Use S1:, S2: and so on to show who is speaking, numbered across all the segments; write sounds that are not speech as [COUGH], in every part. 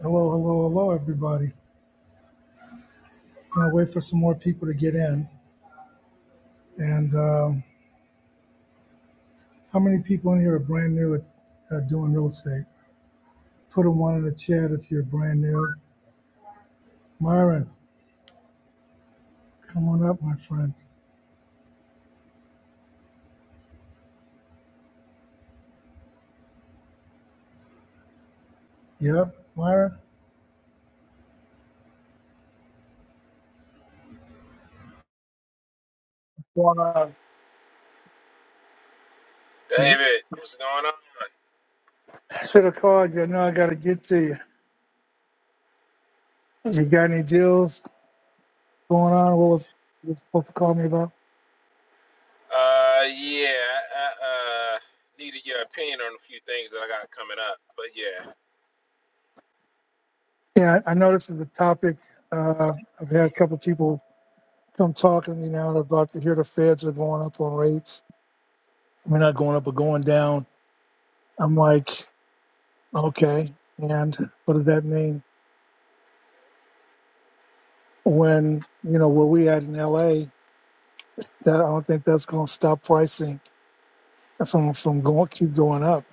S1: Hello, hello, hello, everybody. I'm gonna wait for some more people to get in. And um, how many people in here are brand new at uh, doing real estate? Put a one in the chat if you're brand new. Myron, come on up, my friend. Yep, Myron. Wow,
S2: David, what's going on?
S1: I should have called you. I know I gotta get to you. You got any deals going on? What was you supposed to call me about?
S2: Uh, yeah, I, uh, needed your opinion on a few things that I got coming up, but yeah.
S1: Yeah, I I know this is the topic. Uh, I've had a couple people come talking to me now about to hear the feds are going up on rates We're not going up or going down. I'm like, okay. And what does that mean? When, you know, where we at in LA, that I don't think that's going to stop pricing from, from going, keep going up.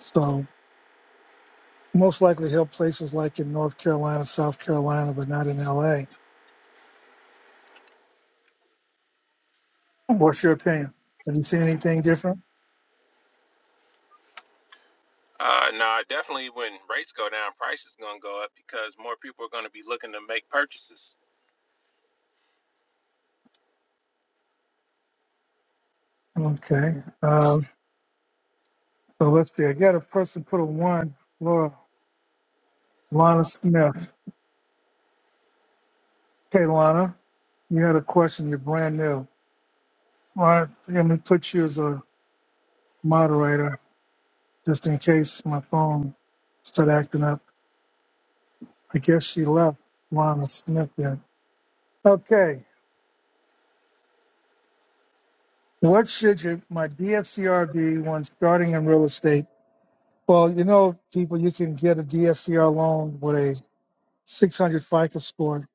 S1: So most likely help places like in North Carolina, South Carolina, but not in LA. What's your opinion? Have you seen anything different?
S2: Uh, no, definitely when rates go down, prices gonna go up because more people are gonna be looking to make purchases.
S1: Okay. Um, so let's see. I got a person put a one, Laura, Lana Smith. Okay, Lana, you had a question. You're brand new. Well, I think I'm going to put you as a moderator just in case my phone started acting up. I guess she left Lana Smith then. Okay. What should your, my DSCR be when starting in real estate? Well, you know, people, you can get a DSCR loan with a 600 FICO score.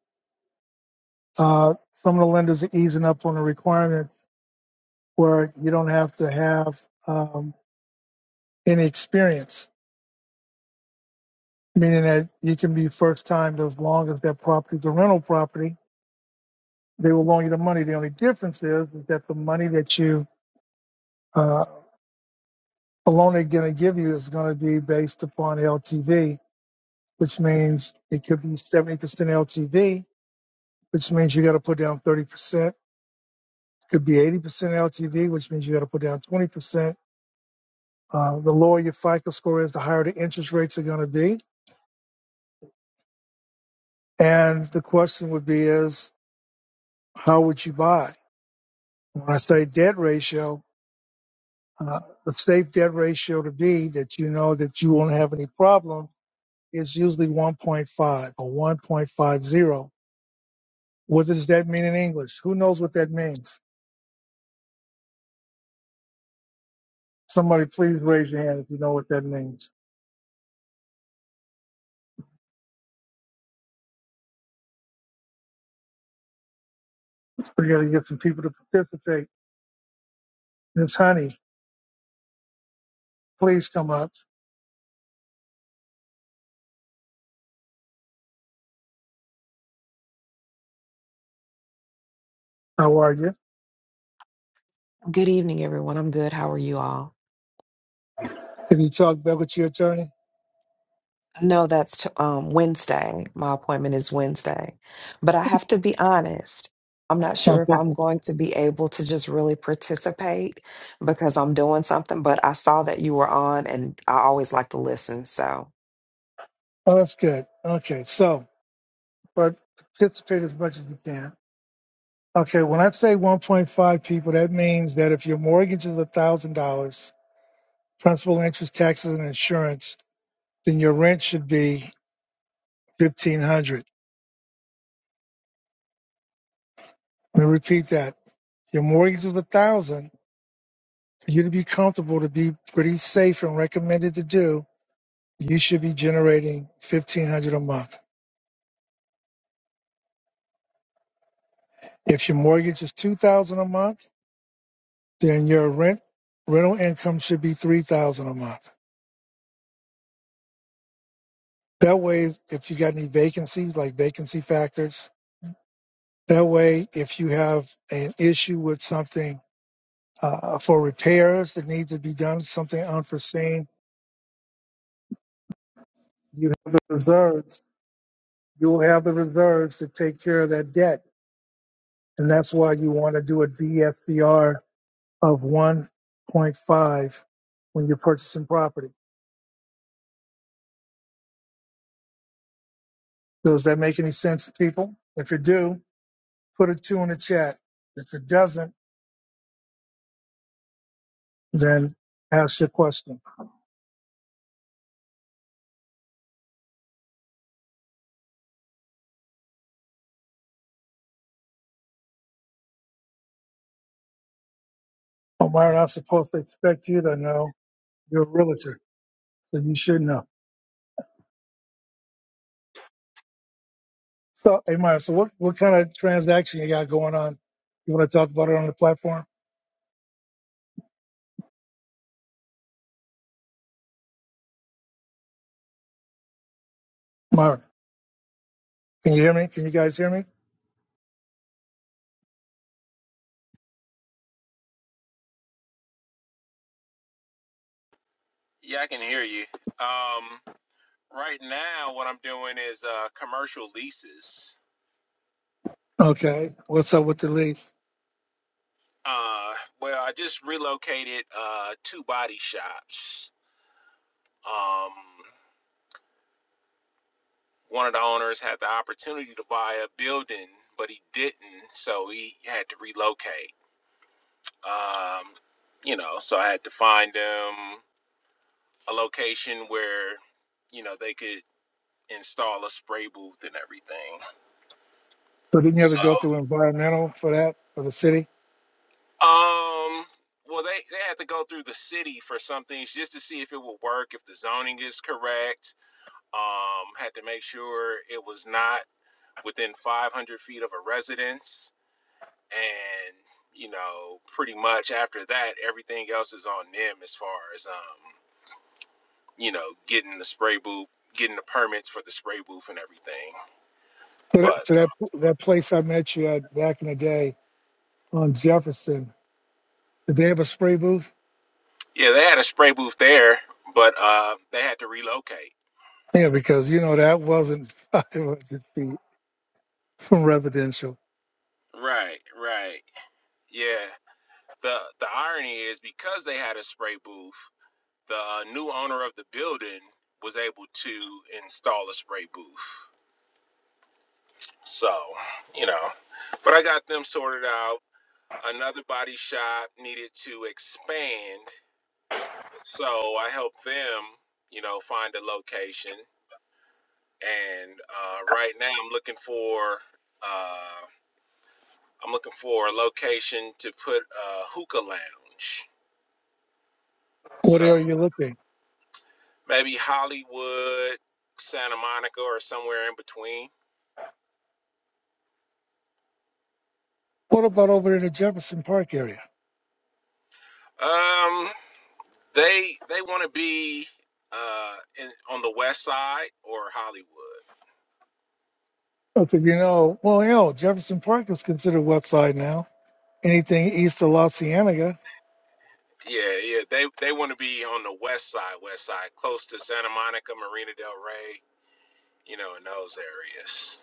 S1: Uh, some of the lenders are easing up on the requirement where you don't have to have um, any experience, meaning that you can be first time as long as that property is a rental property They will loan you the money. The only difference is, is that the money that you uh, a loan they're going to give you is going to be based upon LTV, which means it could be 70% LTV, which means you got to put down 30%. Could be 80% LTV, which means you got to put down 20%. Uh, the lower your FICO score is, the higher the interest rates are going to be. And the question would be is, how would you buy? When I say debt ratio, uh, the safe debt ratio to be that you know that you won't have any problem It's usually 1.5 or 1.50. What does that mean in English? Who knows what that means? Somebody please raise your hand if you know what that means. We got to get some people to participate. Miss Honey, please come up. How are you?
S3: Good evening, everyone. I'm good. How are you all?
S1: Have you talked back with your attorney?
S3: No, that's t- um, Wednesday. My appointment is Wednesday. But I have to be honest, I'm not sure if
S1: Okay.
S3: I'm going to be able to just really participate because I'm doing something. But I saw that you were on, and I always like to listen. So.
S1: Oh, that's good. Okay, so, but participate as much as you can. Okay, when I say 1.5 people, that means that if your mortgage is $1,000, principal, interest, taxes, and insurance, then your rent should be 1500 Let me repeat that. Your mortgage is 1000 For you to be comfortable, to be pretty safe and recommended to do, you should be generating 1500 a month. If your mortgage is 2000 a month, then your rent rental income should be 3000 a month. That way, if you got any vacancies, like vacancy factors, that way, if you have an issue with something uh, for repairs that need to be done, something unforeseen, you have the reserves you will have the reserves to take care of that debt. And that's why you want to do a DSCR of 1.5 when you're purchasing property. Does that make any sense, to people? If it do, put a two in the chat. If it doesn't, then ask your question. Omar, I'm supposed to expect you to know. You're a realtor, so you should know. So, hey, Myra, so what, what kind of transaction you got going on? You want to talk about it on the platform? Myra, can you hear me? Can you guys hear me?
S2: Yeah, I can hear you. Um, right now, what I'm doing is uh, commercial leases.
S1: Okay. What's up with the lead?
S2: Uh, well, I just relocated uh, two body shops. Um, one of the owners had the opportunity to buy a building, but he didn't, so he had to relocate. Um, you know, so I had to find them a location where, you know, they could install a spray booth and everything.
S1: So didn't you have to
S2: So,
S1: go through environmental for that for the city?
S2: um, well, they, they had to go through the city for some things just to see if it would work, if the zoning is correct. Um, had to make sure it was not within 500 feet of a residence and you know pretty much after that everything else is on them as far as um you know getting the spray booth getting the permits for the spray booth and everything
S1: So
S2: but
S1: that, so that that place I met you at back in the day on Jefferson, did they have a spray booth?
S2: yeah they had a spray booth there but uh they had to relocate
S1: Yeah, because you know that wasn't [LAUGHS] 500 feet from residential.
S2: right right yeah the the irony is because they had a spray booth the uh, new owner of the building was able to install a spray booth so you know but i got them sorted out Another body shop needed to expand, so I helped them, you know, find a location. And uh, right now, I'm looking for uh, I'm looking for a location to put a hookah lounge.
S1: What
S2: So
S1: area you looking?
S2: maybe Hollywood, Santa Monica, or somewhere in between.
S1: What about over in the Jefferson Park area?
S2: Um, they they want to be uh, in, on the west side or Hollywood.
S1: Okay, you know, well, hell, Jefferson Park is considered west side now. Anything east of La Cienega.
S2: Yeah, yeah. They they want to be on the west side, west side, close to Santa Monica, Marina Del Rey, you know, in those areas.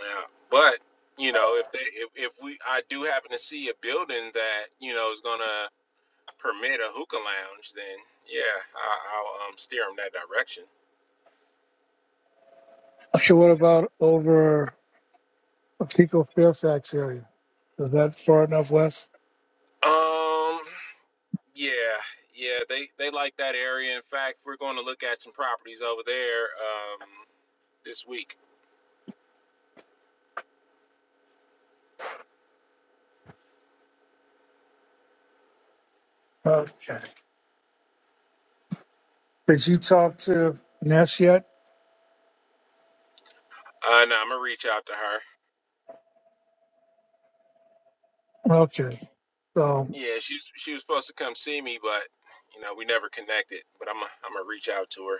S2: Yeah. But, you know, if they if, if we I do happen to see a building that, you know, is going to permit a hookah lounge, then yeah, I, I'll um steer them that direction.
S1: So what about over uh, Pico Fairfax area? Is that far enough west?
S2: Um yeah, yeah, they they like that area. In fact, we're going to look at some properties over there um this week.
S1: Okay. Did you talk to Ness yet?
S2: Uh no, I'm going to reach out to her.
S1: Okay. So
S2: Yeah, she was, she was supposed to come see me, but you know we never connected. But I'm i I'm gonna reach out to her.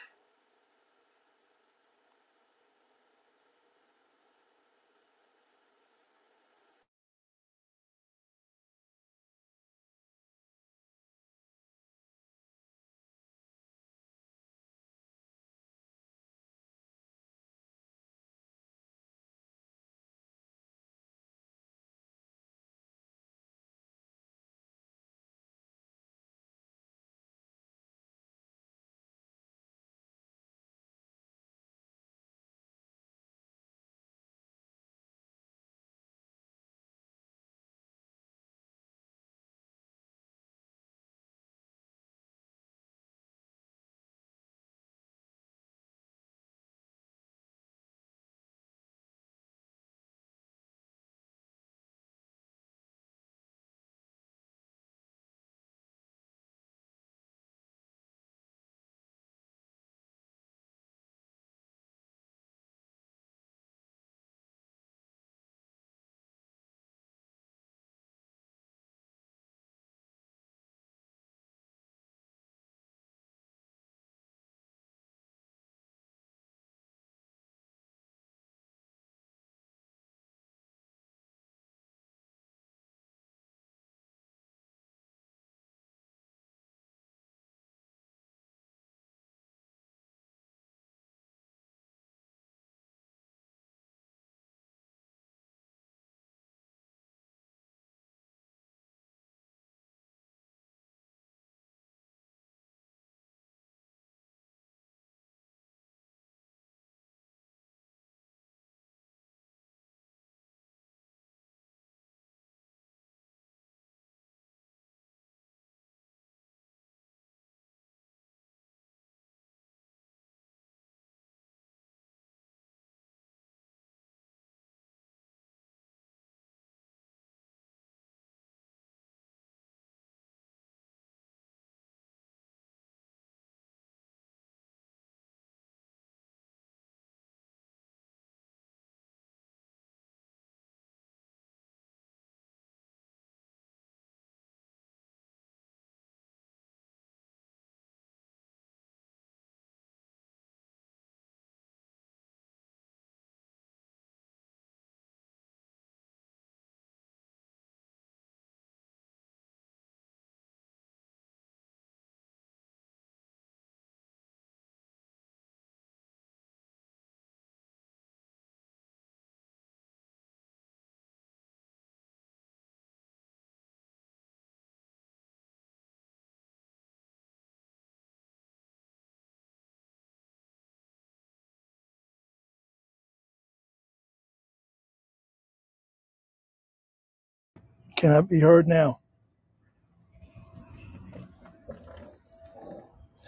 S1: Can I be heard now?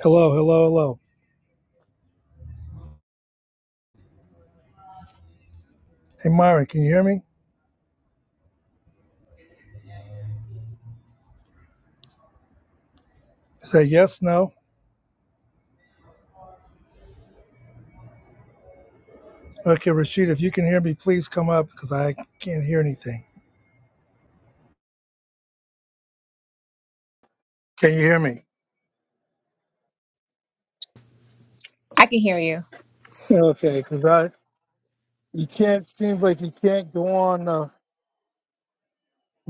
S1: Hello, hello, hello. Hey, Myron, can you hear me? Say yes, no. Okay, Rashid, if you can hear me, please come up because I can't hear anything. can you hear me?
S4: I can hear you.
S1: Okay, because I you can't seems like you can't go on uh,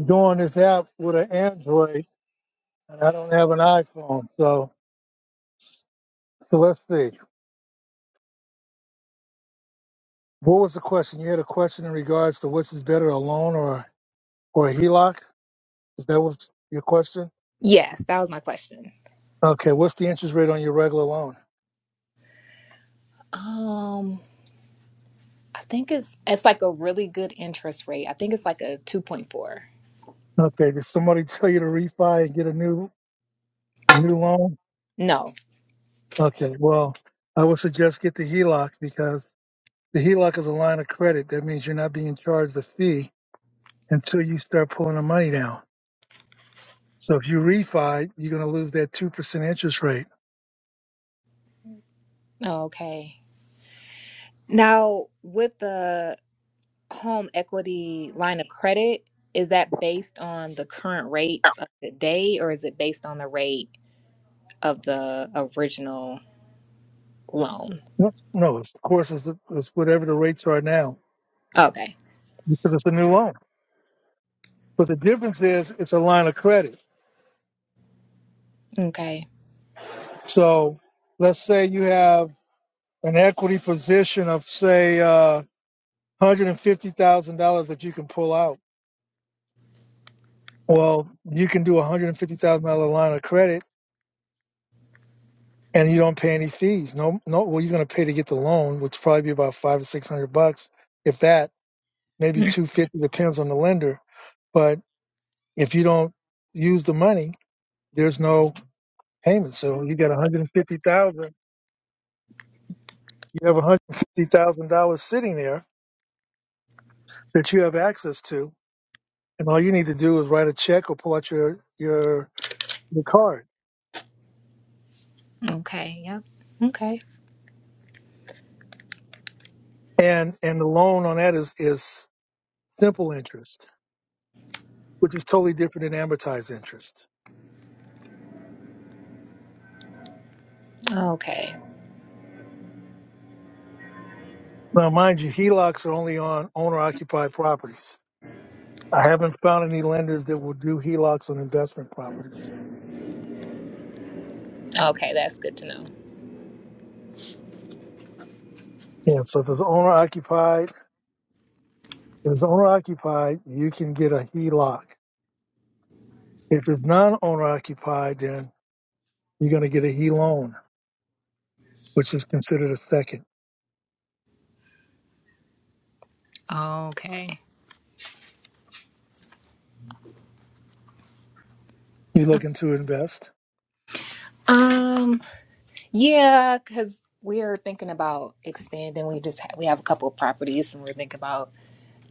S1: go on this app with an Android, and I don't have an iPhone. So so let's see. What was the question? You had a question in regards to which is better, a loan or or a HELOC? Is that what your question?
S4: Yes, that was my question.
S1: Okay, what's the interest rate on your regular loan?
S4: Um, I think it's it's like a really good interest rate. I think it's like a 2.4.
S1: Okay, did somebody [LAUGHS] tell you to refi and get a new a new loan?
S4: No.
S1: Okay, well, I would suggest get the HELOC because the HELOC is a line of credit. That means you're not being charged a fee until you start pulling the money down. So if you refi, you're going to lose that two percent interest rate.
S4: Oh, okay. Now, with the home equity line of credit, is that based on the current rates of today or is it based on the rate of the original loan?
S1: No, no, it's, of course, it's, it's whatever the rates are now
S4: Okay.
S1: because it's a new loan. But the difference is it's a line of credit.
S4: Okay. [LAUGHS]
S1: So let's say you have an equity position of say uh, one hundred and fifty thousand dollars that you can pull out. Well, you can do a one hundred and fifty thousand dollar line of credit, and you don't pay any fees. No, no. Well, you're going to pay to get the loan, which probably be about five or six hundred bucks, if that. Maybe
S4: Hmm.
S1: two fifty depends on the lender. But if you don't use the money, there's no payment. So you got one hundred and fifty thousand. You have one hundred and fifty thousand dollars sitting there that you have access to, and all you need to do is write a check or pull out your your your card.
S4: Okay. Yep. Okay.
S1: and and the loan on that is is simple interest, which is totally different than amortized interest.
S4: Okay.
S1: Now, mind you, HELOCs are only on owner occupied properties. I haven't found any lenders that will do HELOCs on investment properties.
S4: Okay, that's good to know.
S1: Yeah, so if it's owner occupied, if it's owner occupied, you can get a HELOC. If it's non owner occupied, then you're going to get a HE loan, which is considered a second.
S4: Okay.
S1: You're looking to invest.
S4: Um. Yeah, because we're thinking about expanding. We just ha- we have a couple of properties, and we're thinking about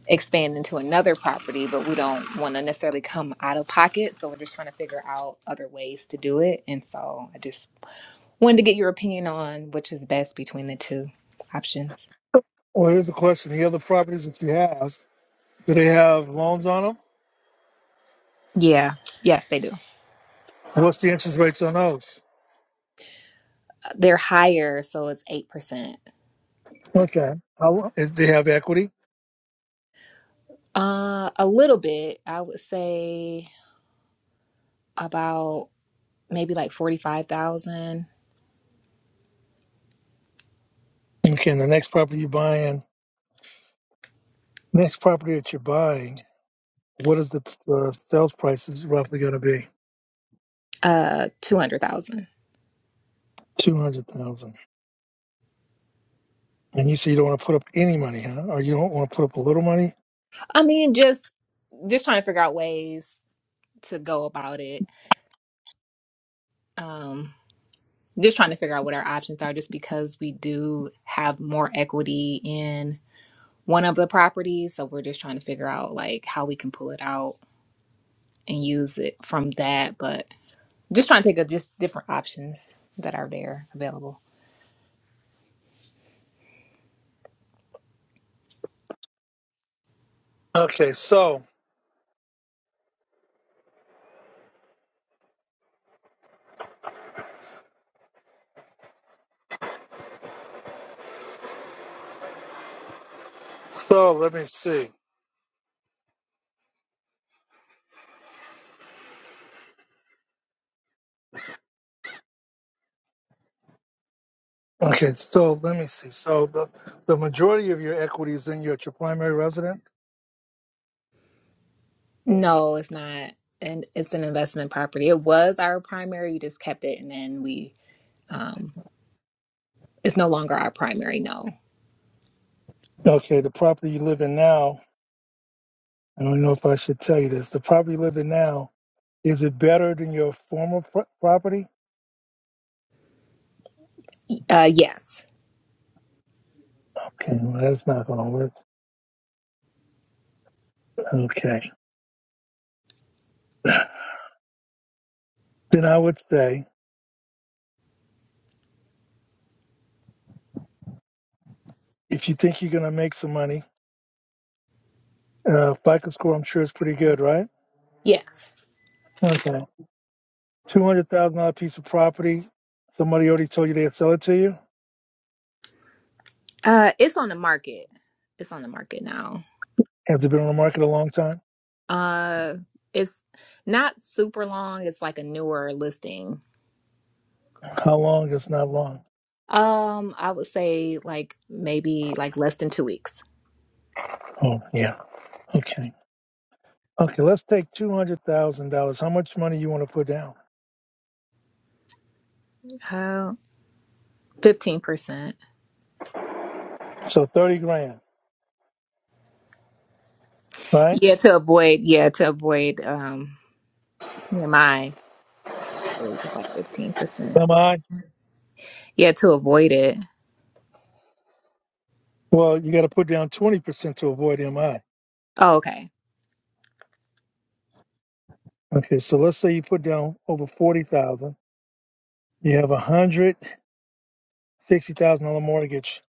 S4: expanding to another property, but we don't want to necessarily come out of pocket. So we're just trying to figure out other ways to do it. And so I just wanted to get your opinion on which is best between the two options.
S1: Well, here's the question: the other properties that you have, do they have loans on them?
S4: Yeah. Yes, they do.
S1: What's the interest rates on those?
S4: They're higher, so it's eight percent.
S1: Okay. I If they have equity?
S4: Uh, a little bit. I would say about maybe like forty five thousand,
S1: okay. And the next property you're buying, next property that you're buying, what is the uh, sales price is roughly going to be?
S4: uh, two hundred thousand.
S1: Two hundred thousand. And you say you don't want to put up any money, huh? Or you don't want to put up a little money?
S4: I mean, just just trying to figure out ways to go about it. Um, just trying to figure out what our options are, just because we do have more equity in one of the properties, so we're just trying to figure out like how we can pull it out and use it from that. But just trying to think of just different options that are there available.
S1: Okay, so so let me see. Okay, so let me see. So the the majority of your equity is in your, at your primary residence.
S4: No, it's not, and it's an investment property. It was our primary. We just kept it, and then we. Um, it's no longer our primary. No.
S1: Okay. The property you live in now. I don't know if I should tell you this. The property you live in now Is it better than your former pro- property?
S4: Uh, yes.
S1: Okay, well, that's not going to work. Okay. Then I would say, if you think you're going to make some money, uh, FICO score, I'm sure is pretty good, right?
S4: Yeah.
S1: Okay. $200,000 piece of property. Somebody already told you they'd sell it to you.
S4: Uh, it's on the market. It's on the market now.
S1: Have they been on the market a long time?
S4: Uh, it's not super long. It's like a newer listing.
S1: How long? It's not long.
S4: Um, I would say like maybe like less than two weeks.
S1: Oh, yeah. Okay. Okay, let's take $200,000. How much money you want to put down?
S4: Uh, fifteen percent.
S1: So 30 grand, right?
S4: Yeah, to avoid. Yeah, to avoid um PMI. I I believe it's like fifteen percent.
S1: MI?
S4: Yeah, to avoid it.
S1: Well, you got to put down 20% to avoid MI.
S4: Oh, okay.
S1: Okay, so let's say you put down over forty thousand. You have a hundred sixty thousand dollar mortgage.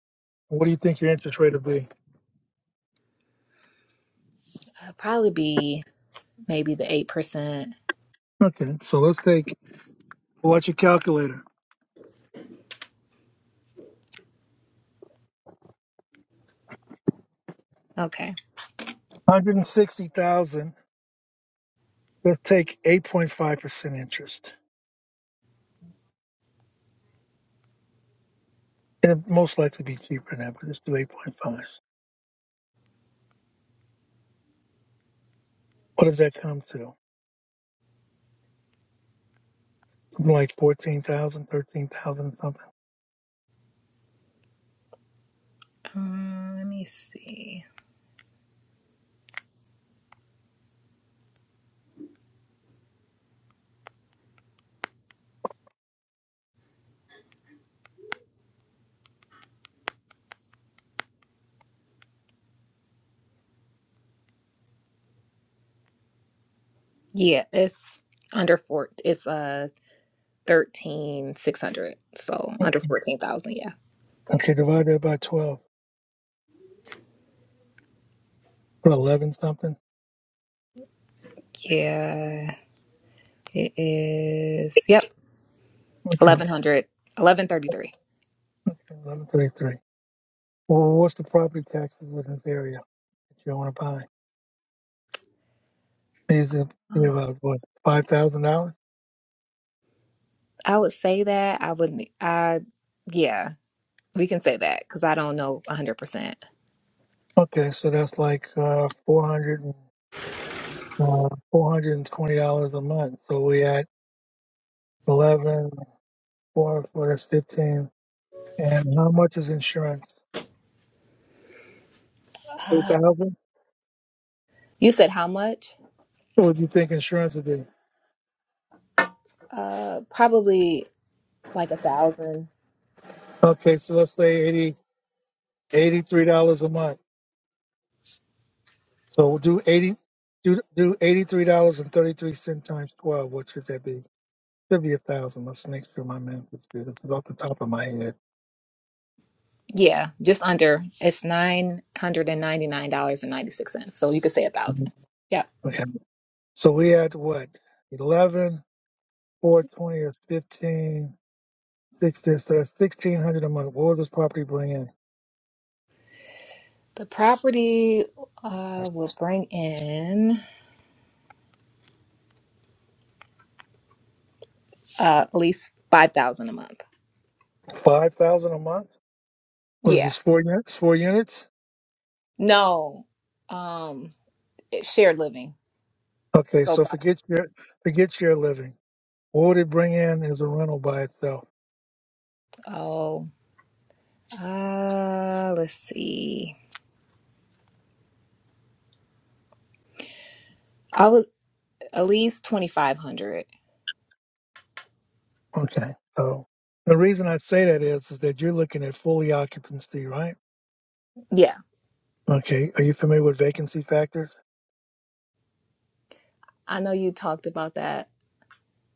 S1: What do you think your interest rate will be?
S4: Uh, probably be maybe the eight percent.
S1: Okay, so let's take well, what's your calculator?
S4: Okay.
S1: Hundred and sixty thousand. Let's take eight point five percent interest. And it most likely be cheaper than that, but let's do eight point five. What does that come to? Something like fourteen thousand, thirteen thousand something.
S4: Um, let me see. Yeah, it's under four. It's uh, thirteen six hundred, so
S1: Okay.
S4: under fourteen thousand. Yeah,
S1: Okay, divide that by twelve. Put eleven something.
S4: yeah, it is. Yep,
S1: Okay.
S4: eleven hundred, eleven thirty three. [SIGHS]
S1: Okay, eleven thirty three. Well, what's the property taxes in this area that you want to buy? Is it be about what five thousand dollars?
S4: I would say that I wouldn't. I yeah, we can say that because I don't know a hundred percent.
S1: Okay, so that's like uh, four hundred and uh, four hundred and twenty dollars a month. So we at eleven four for that's fifteen. And how much is insurance?
S4: [SIGHS]
S1: Two
S4: Uh,
S1: thousand.
S4: You said how much?
S1: What would you think insurance would be?
S4: Uh, probably like a thousand.
S1: Okay, so let's say eighty eighty three dollars a month. So we'll do eighty do do eighty three dollars and thirty three cent times twelve. What should that be? Should be a thousand. Let's make sure my math is good. This is off the top of my head.
S4: Yeah, just under. It's nine hundred and ninety nine dollars and ninety six cents. So you could say a
S1: Mhm.
S4: thousand. Yeah,
S1: Okay. So we had what? 11 4 20 or 15 16? So that's 1600 a month. What would this property bring in?
S4: the property uh will bring in. uh, at least five thousand a month.
S1: 5000 a month? What is
S4: Yeah.
S1: this, four units? Four units?
S4: No. Um, it's shared living.
S1: Okay.
S4: So,
S1: So
S4: by-
S1: forget your, forget your living. What would it bring in as a rental by itself?
S4: oh, uh, let's see. I was at least twenty five hundred.
S1: Okay. So the reason I say that is, is that you're looking at fully occupancy, right?
S4: Yeah,
S1: Okay. Are you familiar with vacancy factors?
S4: I know you talked about that.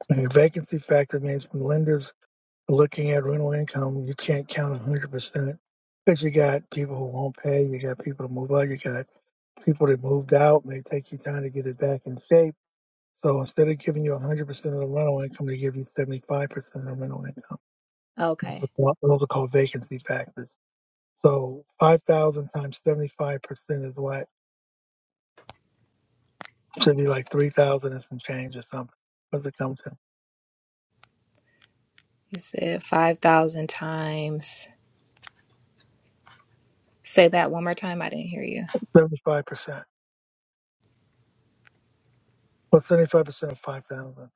S1: The vacancy factor means when lenders are looking at rental income, you can't count 100% because you got people who won't pay, you got people to move out, you got people that moved out, may take you time to get it back in shape. So instead of giving you 100% of the rental income, they give you 75% of the rental income. Those are,
S4: Okay,
S1: called- those are called vacancy factors. So 5,000 times 75% is what should be like 3,000 and some change or something. What's it come to?
S4: you said five thousand times. Say that one more time. I didn't hear you.
S1: 75%. What's 75% of 5,000?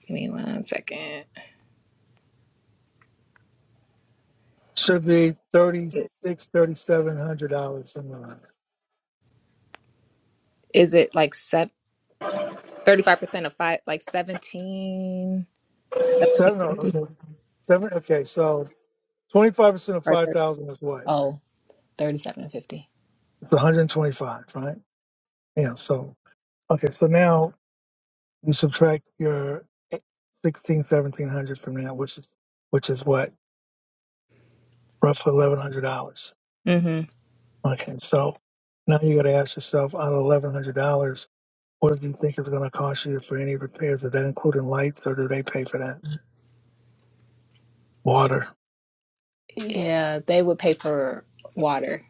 S4: Give me one second.
S1: Should be thirty six, thirty seven hundred dollars a month.
S4: Is it like thirty five percent of five? Like seventeen, seventeen
S1: Seven. oh, Okay.
S4: fifty
S1: Seven. Okay. So twenty five percent of
S4: or
S1: five
S4: 30,
S1: thousand is what?
S4: oh, thirty seven fifty.
S1: It's one hundred twenty five, right? Yeah. So okay. So now you subtract your sixteen, seventeen hundred from that, which is which is what roughly eleven hundred dollars.
S4: Mm-hmm.
S1: Okay. So now you got to ask yourself, out of eleven hundred dollars, what do you think it's going to cost you for any repairs? Is that including lights, or do they pay for that? Water.
S4: Yeah, they would pay for water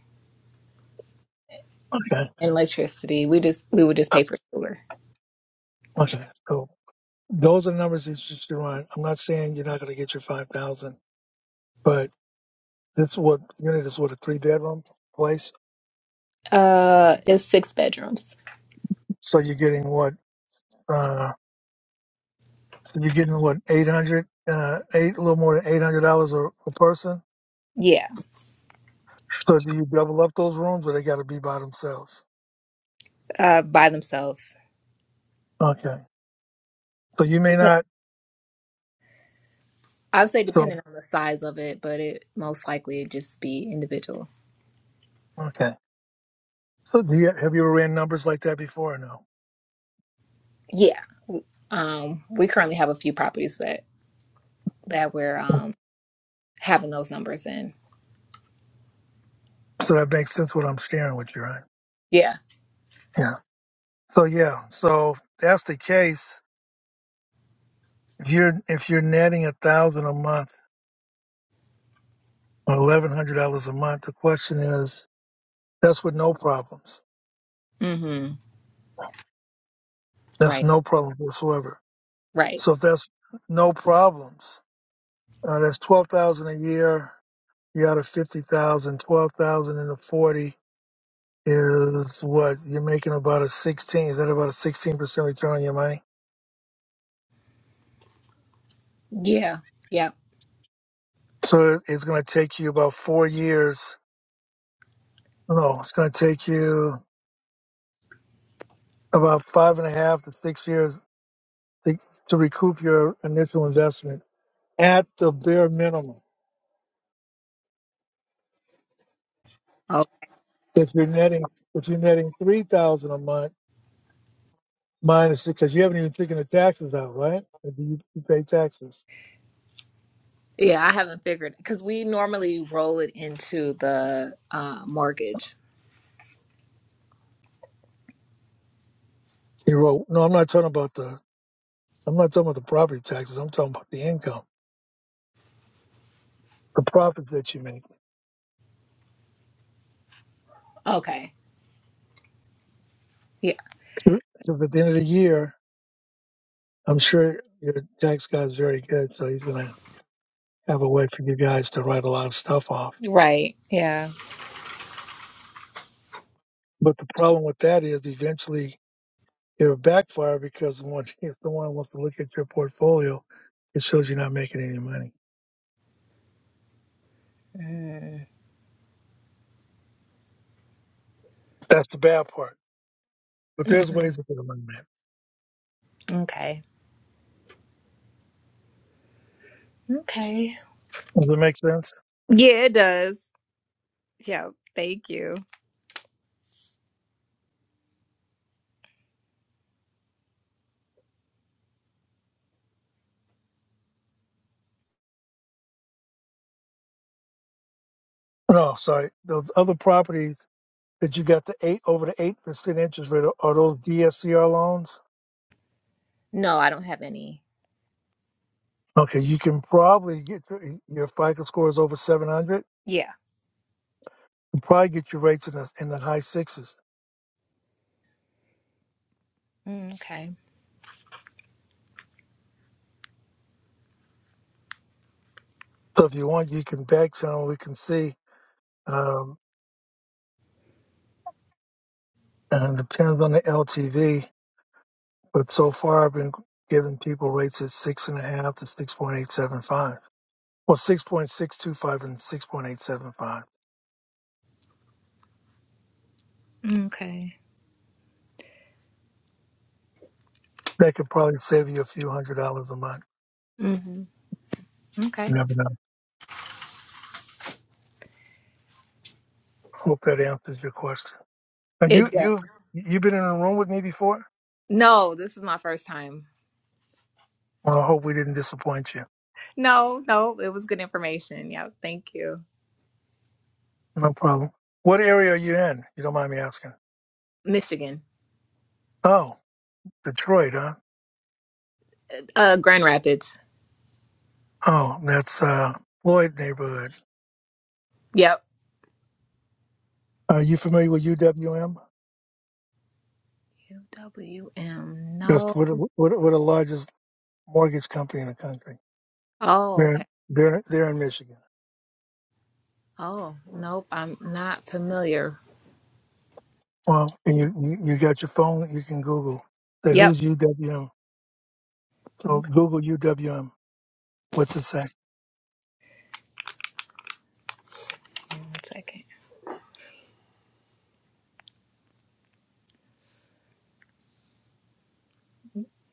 S1: Okay.
S4: and electricity. We just we would just pay for sewer.
S1: Okay. So Those are numbers that you should run. I'm not saying you're not going to get your 5,000, but this what unit is what a three bedroom place.
S4: Uh, it's six bedrooms.
S1: So you're getting what, uh, so you're getting what 800, uh, eight, a little more than $800 a, a person.
S4: Yeah,
S1: So do you double up those rooms or they got to be by themselves?
S4: uh, by themselves.
S1: Okay. So you may
S4: Dep-
S1: not,
S4: I would say
S1: so,
S4: depending on the size of it, but it most likely it'd just be individual.
S1: okay. So do you, have you ever ran numbers like that before or no?
S4: Yeah. w- Um, we currently have a few properties that that we're um having those numbers in.
S1: So that makes sense what I'm sharing with you, right?
S4: Yeah.
S1: Yeah. So yeah. So if that's the case. If you're if you're netting a thousand a month or eleven hundred dollars a month, the question is that's with no problems.
S4: Mm-hmm.
S1: That's
S4: Right.
S1: no problems whatsoever.
S4: Right.
S1: So if that's no problems, uh, that's twelve thousand a year. You're out of fifty thousand. Twelve thousand into forty is what you're making about a sixteen. Is that about a sixteen percent return on your money?
S4: Yeah. Yeah.
S1: So it- it's going to take you about four years. No, no, it's going to take you about five and a half to six years to, to recoup your initial investment at the bare minimum.
S4: Oh.
S1: If you're netting, if you're netting three thousand a month minus because you haven't even taken the taxes out, right? If you, you pay taxes,
S4: Yeah, I haven't figured because we normally roll it into the uh, mortgage.
S1: you wrote. No, I'm not talking about the. I'm not talking about the property taxes. I'm talking about the income, the profits that you make.
S4: Okay. Yeah.
S1: So at the end of the year, I'm sure your tax guy's very good, so he's gonna have a way for you guys to write a lot of stuff off.
S4: Right. Yeah.
S1: But the problem with that is eventually it would backfire because one, [LAUGHS] if someone wants to look at your portfolio, it shows you're not making any money.
S4: Mm.
S1: That's the bad part. But there's
S4: Mhm.
S1: ways to get money that.
S4: Okay. Okay.
S1: Does it make sense?
S4: Yeah, it does. Yeah. Thank you.
S1: No, sorry. Those other properties that you got the eight over the eight percent interest rate are those DSCR loans?
S4: No, I don't have any.
S1: Okay, you can probably get your, your FICO score is over 700.
S4: Yeah.
S1: You probably get your rates in the in the high sixes.
S4: Mm, Okay.
S1: So if you want, you can back channel. We can see. Um, and it depends on the LTV But so far, I've been giving people rates at six and a half to six point eight seven five. Well, six point six two five and six point eight seven five.
S4: Okay.
S1: That could probably save you a few hundred dollars a month.
S4: hmm
S1: You
S4: Okay.
S1: never know. Hope that answers your question. Now,
S4: It
S1: you
S4: does.
S1: you you've been in a room with me before.
S4: No, this is my first time.
S1: Well, I hope we didn't disappoint you.
S4: No, no, it was good information. Yeah. Thank you.
S1: No problem. What area are you in? You don't mind me asking.
S4: Michigan.
S1: Oh, Detroit, huh?
S4: Uh, Grand Rapids.
S1: Oh, that's uh, Floyd neighborhood.
S4: Yep.
S1: Are you familiar with UWM?
S4: UWM.
S1: Yes.
S4: No.
S1: What what what the we're the largest mortgage company in the country?
S4: Oh,
S1: They're
S4: okay.
S1: they're they're in Michigan.
S4: Oh, nope. I'm not familiar.
S1: Well, and you you you got your phone. You can Google. Say
S4: Yep.
S1: who's UWM. So
S4: Okay.
S1: Google UWM. What's it say?
S4: One second.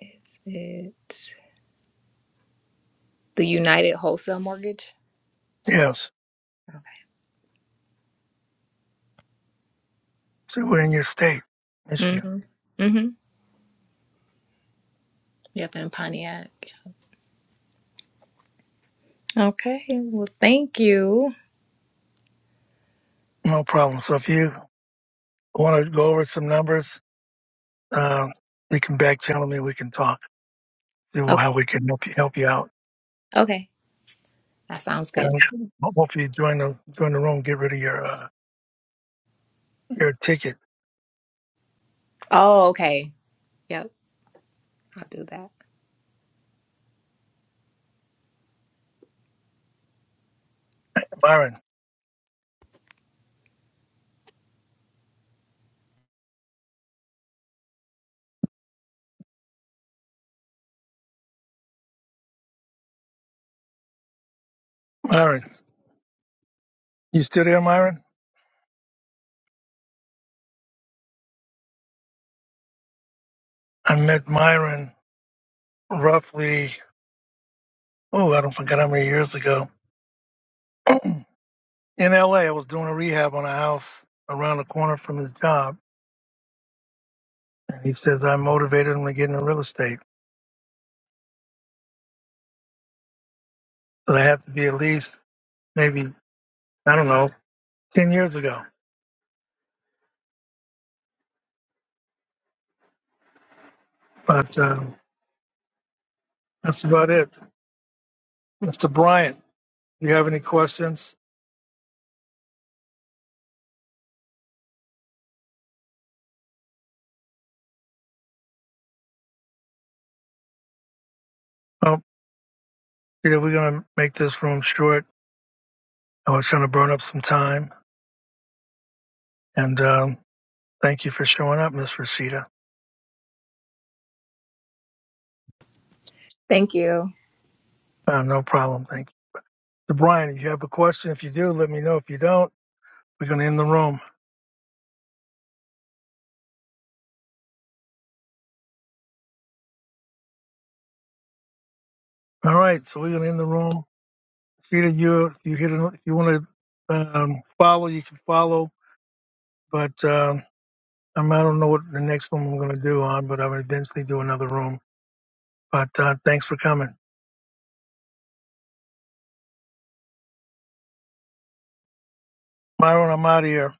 S4: Is it the United Wholesale Mortgage?
S1: Yes. So we're in your state, Michigan.
S4: Mm-hmm. Mm-hmm. Yep, in Pontiac. Okay. Well, thank you.
S1: No problem. So if you want to go over some numbers, uh, you can back channel me. We can talk. See
S4: Okay.
S1: how we can help you help you out.
S4: Okay. That sounds good.
S1: And hopefully you join the join the room. Get rid of your uh, your ticket,
S4: Oh, okay. Yep. I'll do that.
S1: Myron. Myron, you still there, Myron? I met Myron roughly. Oh, I don't forget how many years ago in LA, I was doing a rehab on a house around the corner from his job. And he says I motivated him to get into real estate. But I have to be at least maybe, I don't know, 10 years ago. But um, that's about it. Mr. Bryant, do you have any questions? Oh, Peter, we're going to make this room short. I was trying to burn up some time. And um, thank you for showing up, Miss Rashida.
S4: Thank you.
S1: Uh, no problem. Thank you. Mr. Bryant, if you have a question, if you do, let me know. If you don't, we're going to end the room. All right. So we're going to end the room. Peter, you you hit an, you want to um, follow, you can follow, but um, I'm, I don't know what the next one I'm going to do on, but I'll eventually do another room. But uh, thanks for coming, Myron. I'm out of here.